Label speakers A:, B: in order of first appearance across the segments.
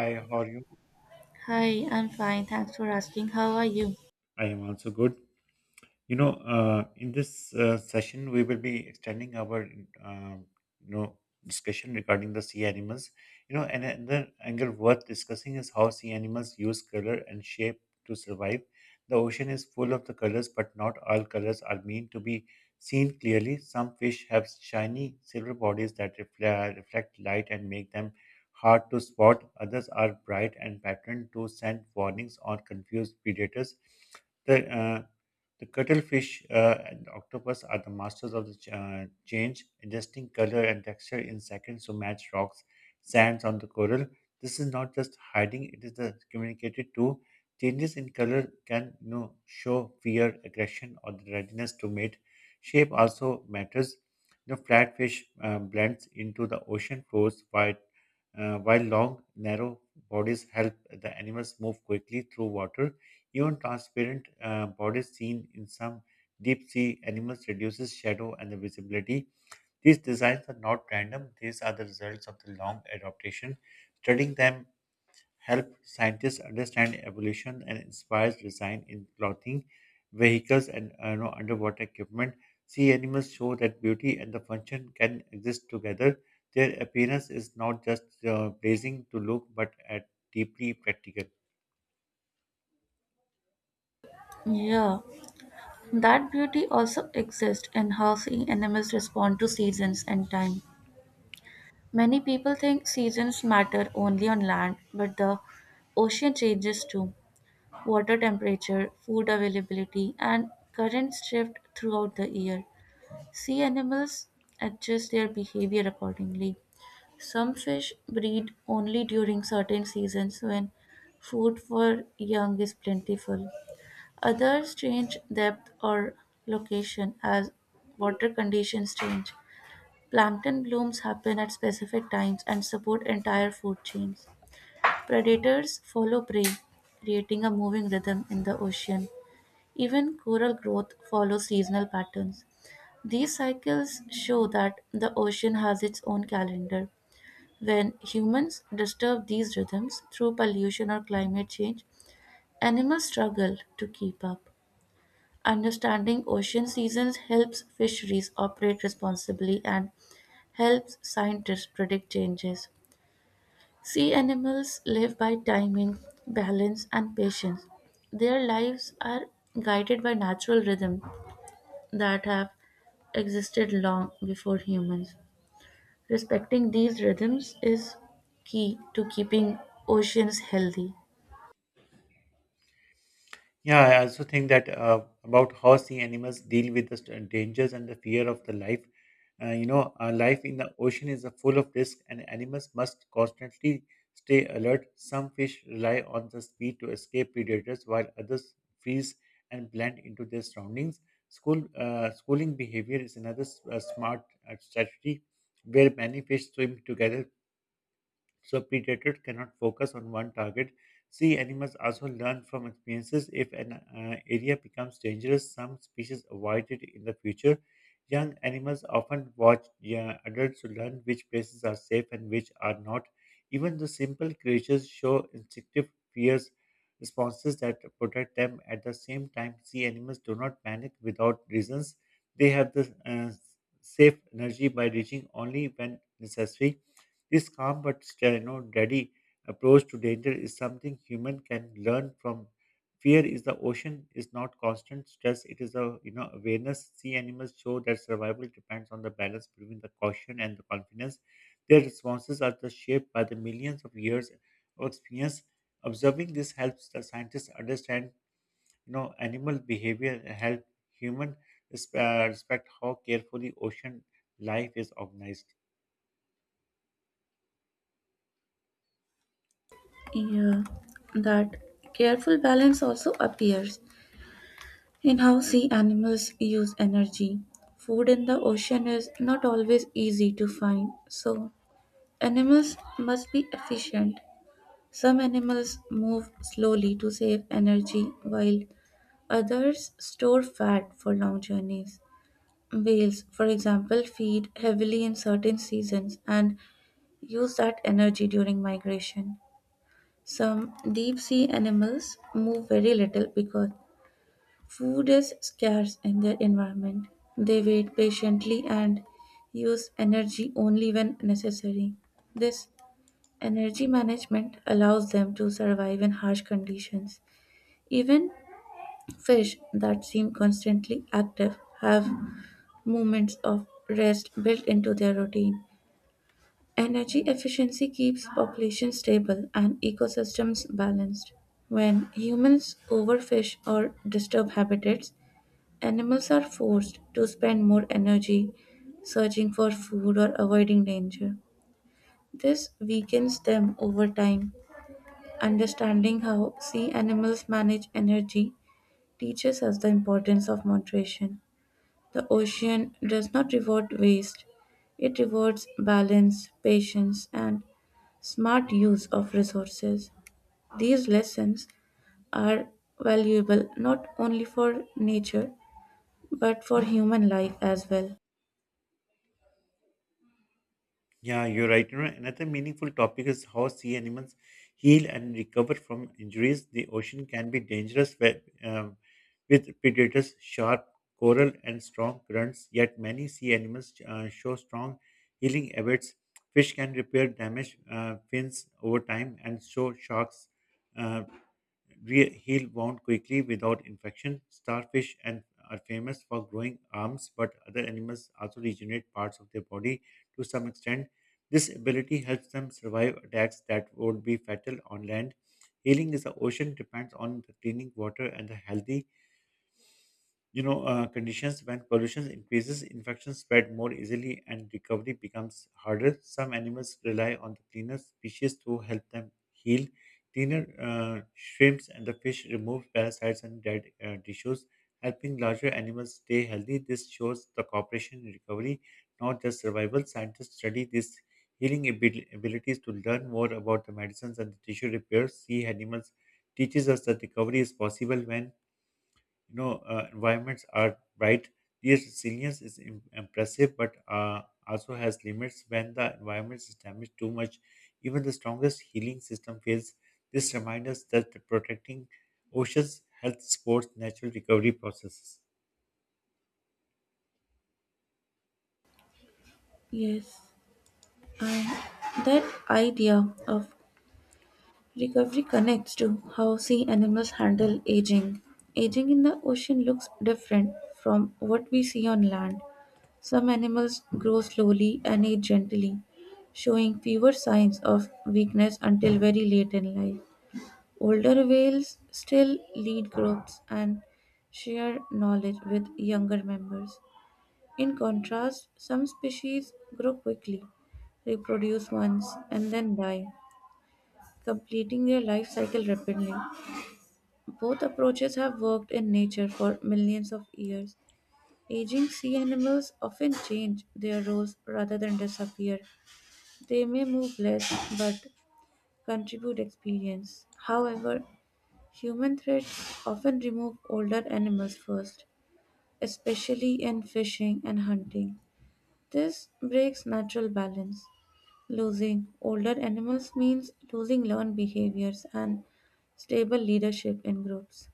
A: Hi, how are you?
B: Hi, I'm fine. Thanks for asking. How are you?
A: I am also good. In this session, we will be extending our, um you know, discussion regarding the sea animals. You know, and another angle worth discussing is how sea animals use color and shape to survive. The ocean is full of the colors, but not all colors are meant to be seen clearly. Some fish have shiny silver bodies that reflect light and make them hard to spot. Others are bright and patterned to send warnings or confuse predators. The uh, the cuttlefish and octopus are the masters of the change, adjusting color and texture in seconds to match rocks, sands on the coral. This is not just hiding; it is the communicated too. Changes in color can, show fear, aggression, or the readiness to mate. Shape also matters. The flatfish blends into the ocean floors, while while long, narrow bodies help the animals move quickly through water. Even transparent bodies seen in some deep sea animals reduces shadow and the visibility. These designs are not random. These are the results of the long adaptation. Studying them help scientists understand evolution and inspires design in clothing, vehicles, and underwater equipment. Sea animals show that beauty and the function can exist together. Their appearance is not just pleasing to look, but at deeply practical.
B: Yeah, that beauty also exists in how sea animals respond to seasons and time. Many people think seasons matter only on land, but the ocean changes too. Water temperature, food availability, and currents shift throughout the year. Sea animals adjust their behavior accordingly. Some fish breed only during certain seasons when food for young is plentiful. Others change depth or location as water conditions change. Plankton blooms happen at specific times and support entire food chains. Predators follow prey, creating a moving rhythm in the ocean. Even coral growth follows seasonal patterns. These cycles show that the ocean has its own calendar. When humans disturb these rhythms through pollution or climate change, animals struggle to keep up. Understanding ocean seasons helps fisheries operate responsibly and helps scientists predict changes. Sea animals live by timing, balance, and patience. Their lives are guided by natural rhythms that have existed long before humans. Respecting these rhythms is key to keeping oceans healthy.
A: Yeah, I also think that about how sea animals deal with the dangers and the fear of the life. Life in the ocean is a full of risk, and animals must constantly stay alert. Some fish rely on the speed to escape predators, while others freeze and blend into their surroundings. Schooling behavior is another smart strategy, where many fish swim together so predators cannot focus on one target. Sea animals also learn from experiences. If an area becomes dangerous, some species avoid it in the future. Young animals often watch, yeah, adults to learn which places are safe and which are not. Even the simple creatures show instinctive fears responses that protect them. At the same time, sea animals do not panic without reasons. They have the safe energy by reaching only when necessary. This calm but still, ready approach to danger is something human can learn from. Fear is the ocean, is not constant stress. It is a, awareness. Sea animals show that survival depends on the balance between the caution and the confidence. Their responses are just shaped by the millions of years of experience. Observing this helps the scientists understand, animal behavior and help human respect how carefully ocean life is organized.
B: Yeah, that careful balance also appears in how sea animals use energy. Food in the ocean is not always easy to find, so animals must be efficient. Some animals move slowly to save energy, while others store fat for long journeys. Whales, for example, feed heavily in certain seasons and use that energy during migration. Some deep sea animals move very little because food is scarce in their environment. They wait patiently and use energy only when necessary. This energy management allows them to survive in harsh conditions. Even fish that seem constantly active have moments of rest built into their routine. Energy efficiency keeps population stable and ecosystems balanced. When humans overfish or disturb habitats, animals are forced to spend more energy searching for food or avoiding danger. This weakens them over time. Understanding how sea animals manage energy teaches us the importance of moderation. The ocean does not reward waste, it rewards balance, patience, and smart use of resources. These lessons are valuable not only for nature but for human life as well.
A: Yeah, you're right. You know, another meaningful topic is how sea animals heal and recover from injuries. The ocean can be dangerous with predators, sharp coral, and strong currents. Yet many sea animals show strong healing habits. Fish can repair damaged fins over time, and so sharks. uh, Heal wound quickly without infection. Starfish and are famous for growing arms, but other animals also regenerate parts of their body to some extent. This ability helps them survive attacks that would be fatal on land. Healing in the ocean depends on the cleaning water and the healthy, conditions when pollution increases infections spread more easily and recovery becomes harder. Some animals rely on the cleaner species to help them heal. Cleaner shrimps and the fish remove parasites and dead tissues, helping larger animals stay healthy. This shows the cooperation in recovery, not just survival. Scientists study these healing abilities to learn more about the medicines and the tissue repairs. See animals teaches us that recovery is possible when, environments are bright. Their resilience is impressive, but also has limits. When the environment is damaged too much, even the strongest healing system fails. This reminds us that protecting oceans helps support natural recovery processes.
B: Yes. That idea of recovery connects to how sea animals handle aging. Aging in the ocean looks different from what we see on land. Some animals grow slowly and age gently, showing fewer signs of weakness until very late in life. Older whales still lead groups and share knowledge with younger members. In contrast, some species grow quickly, reproduce once, and then die, completing their life cycle rapidly. Both approaches have worked in nature for millions of years. Aging sea animals often change their roles rather than disappear. They may move less but contribute experience. However, human threats often remove older animals first, especially in fishing and hunting. This breaks natural balance. Losing older animals means losing learned behaviors and stable leadership in groups.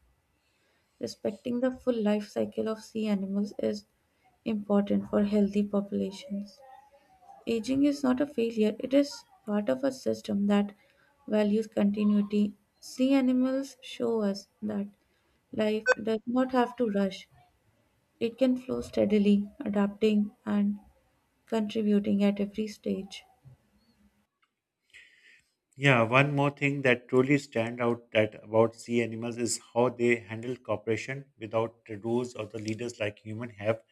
B: Respecting the full life cycle of sea animals is important for healthy populations. Aging is not a failure, it is part of a system that values continuity. Sea animals show us that life does not have to rush, it can flow steadily, adapting and contributing at every stage.
A: Yeah, one more thing that truly stand out that about sea animals is how they handle cooperation without the rules or the leaders like human have.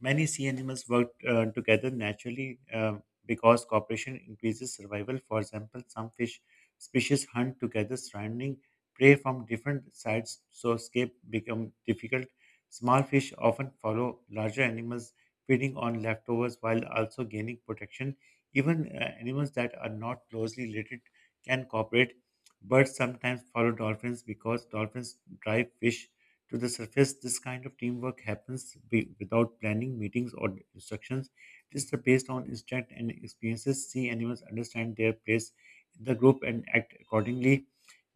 A: Many sea animals work together naturally because cooperation increases survival. For example, some fish species hunt together, surrounding prey from different sides, so escape become difficult. Small fish often follow larger animals, feeding on leftovers while also gaining protection. Even animals that are not closely related can cooperate. Birds sometimes follow dolphins because dolphins drive fish to the surface. This kind of teamwork happens without planning, meetings, or instructions. It is based on instinct and experiences. Sea animals understand their place in the group and act accordingly.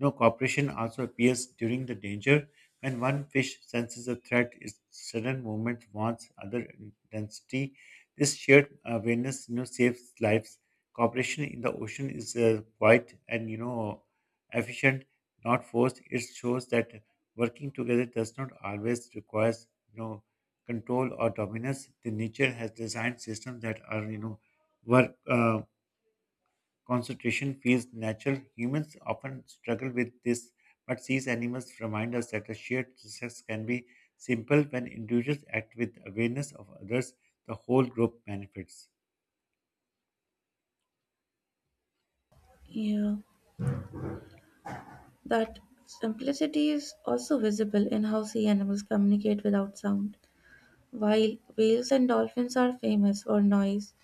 A: No cooperation also appears during the danger. When one fish senses a threat, its sudden movement warns other intensity. This shared awareness, saves lives. Cooperation in the ocean is quite and, efficient, not forced. It shows that working together does not always requires, you know control or dominance. The nature has designed systems that are, work concentration feels natural. Humans often struggle with this, but these animals remind us that a shared success can be simple when individuals act with awareness of others. The whole group benefits.
B: Yeah. That simplicity is also visible in how sea animals communicate without sound. While whales and dolphins are famous for noise,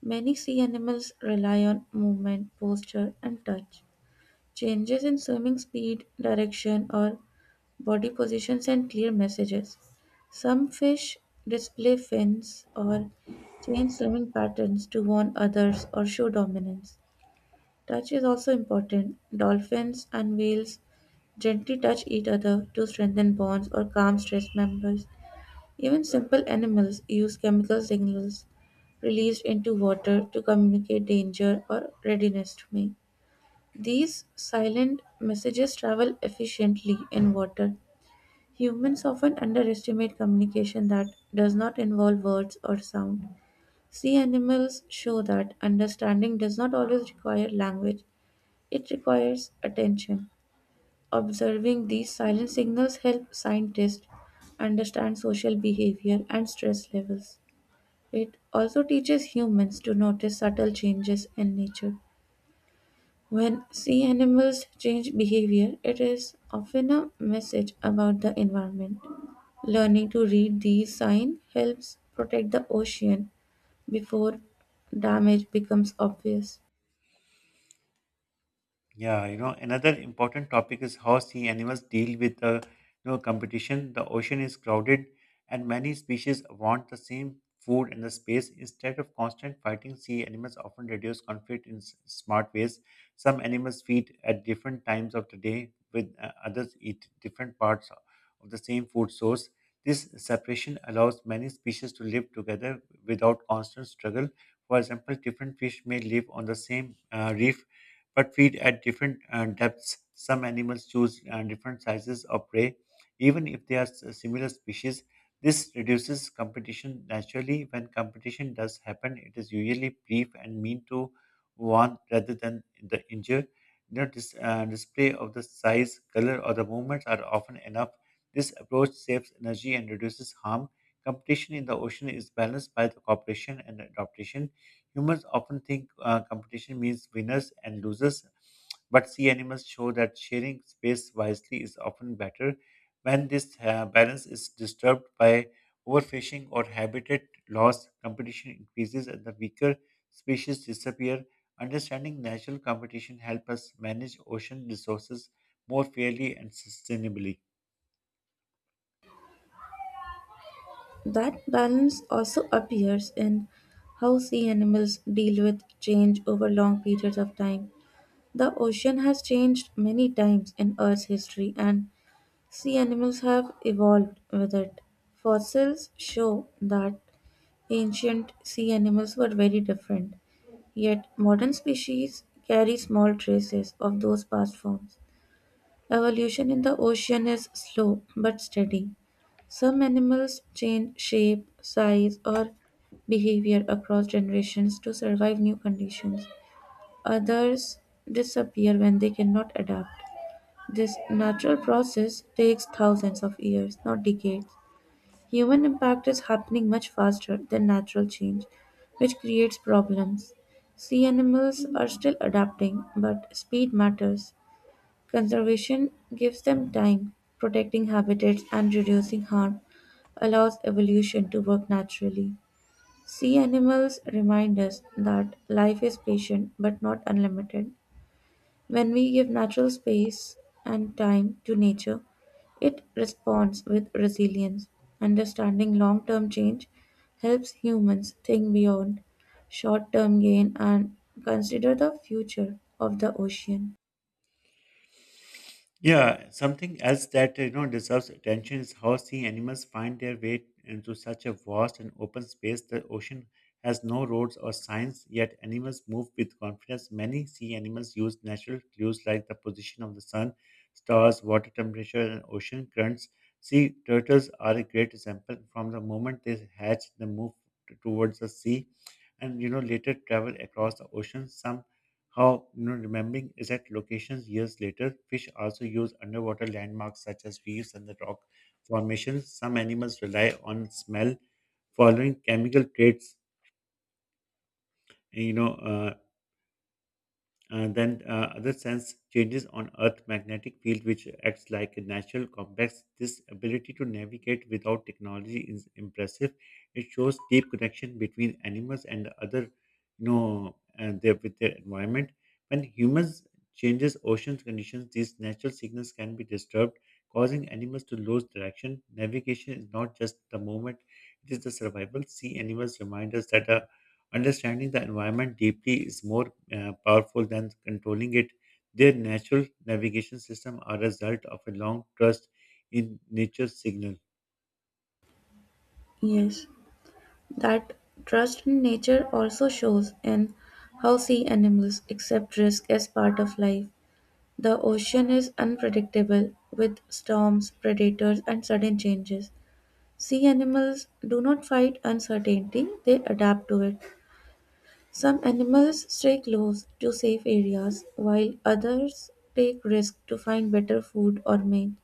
B: many sea animals rely on movement, posture, and touch. Changes in swimming speed, direction, or body position send clear messages. Some fish display fins or change swimming patterns to warn others or show dominance. Touch is also important. Dolphins and whales gently touch each other to strengthen bonds or calm stressed members. Even simple animals use chemical signals released into water to communicate danger or readiness to mate. These silent messages travel efficiently in water. Humans often underestimate communication that does not involve words or sound. Sea animals show that understanding does not always require language, it requires attention. Observing these silent signals help scientists understand social behavior and stress levels. It also teaches humans to notice subtle changes in nature. When sea animals change behavior, it is often a message about the environment. Learning to read these signs helps protect the ocean before damage becomes obvious.
A: Yeah, you know, another important topic is how sea animals deal with the, competition. The ocean is crowded and many species want the same food and the space. Instead of constant fighting, sea animals often reduce conflict in smart ways. Some animals feed at different times of the day, with others eat different parts of the same food source. This separation allows many species to live together without constant struggle. For example, different fish may live on the same reef but feed at different depths. Some animals choose different sizes of prey, even if they are similar species. This reduces competition naturally. When competition does happen, it is usually brief and mean to warn rather than the injure. No display of the size, color, or the movements are often enough. This approach saves energy and reduces harm. Competition in the ocean is balanced by the cooperation and adaptation. Humans often think competition means winners and losers, but sea animals show that sharing space wisely is often better. When this balance is disturbed by overfishing or habitat loss, competition increases and the weaker species disappear. Understanding natural competition helps us manage ocean resources more fairly and sustainably.
B: That balance also appears in how sea animals deal with change over long periods of time. The ocean has changed many times in Earth's history, and sea animals have evolved with it. Fossils show that ancient sea animals were very different, yet modern species carry small traces of those past forms. Evolution in the ocean is slow but steady. Some animals change shape, size, or behavior across generations to survive new conditions. Others disappear when they cannot adapt. This natural process takes thousands of years, not decades. Human impact is happening much faster than natural change, which creates problems. Sea animals are still adapting, but speed matters. Conservation gives them time; protecting habitats and reducing harm allows evolution to work naturally. Sea animals remind us that life is patient but not unlimited. When we give natural space and time to nature, it responds with resilience. Understanding long term change helps humans think beyond short term gain and consider the future of the ocean.
A: Yeah, something else that, deserves attention is how sea animals find their way into such a vast and open space. The ocean has no roads or signs, yet animals move with confidence. Many sea animals use natural clues like the position of the sun, stars, water temperature, and ocean currents. Sea turtles are a great example. From the moment they hatch, they move towards the sea, and, later travel across the ocean. Some how remembering is that locations years later, fish also use underwater landmarks such as reefs and the rock formations. Some animals rely on smell, following chemical traits. You know, then Other sense changes on earth magnetic field which acts like a natural compass. This ability to navigate without technology is impressive. It shows deep connection between animals and other, with their environment. When humans changes oceans conditions, these natural signals can be disturbed, causing animals to lose direction. Navigation is not just the movement, it is the survival. Sea animals remind us that a understanding the environment deeply is more powerful than controlling it. Their natural navigation system are a result of a long trust in nature's signal.
B: Yes. That trust in nature also shows in how sea animals accept risk as part of life. The ocean is unpredictable with storms, predators, and sudden changes. Sea animals do not fight uncertainty, they adapt to it. Some animals stay close to safe areas, while others take risks to find better food or mate.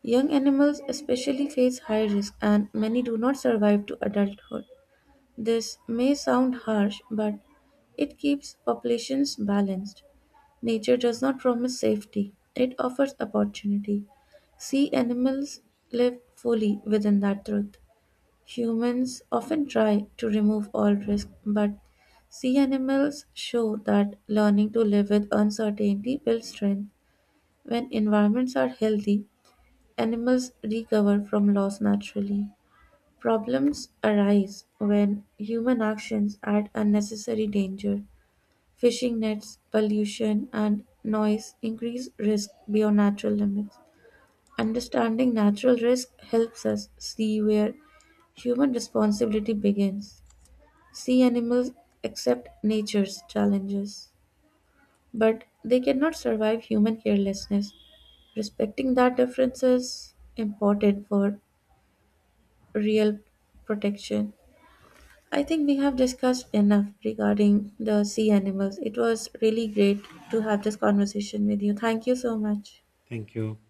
B: Young animals especially face high risk, and many do not survive to adulthood. This may sound harsh, but it keeps populations balanced. Nature does not promise safety, it offers opportunity. Sea animals live fully within that truth. Humans often try to remove all risk, but sea animals show that learning to live with uncertainty builds strength. When environments are healthy, animals recover from loss naturally. Problems arise when human actions add unnecessary danger; fishing nets, pollution, and noise increase risk beyond natural limits. Understanding natural risk helps us see where human responsibility begins. Sea animals accept nature's challenges, but they cannot survive human carelessness. Respecting that difference is important for real protection. I think we have discussed enough regarding the sea animals. It was really great to have this conversation with you. Thank you so much.
A: Thank you.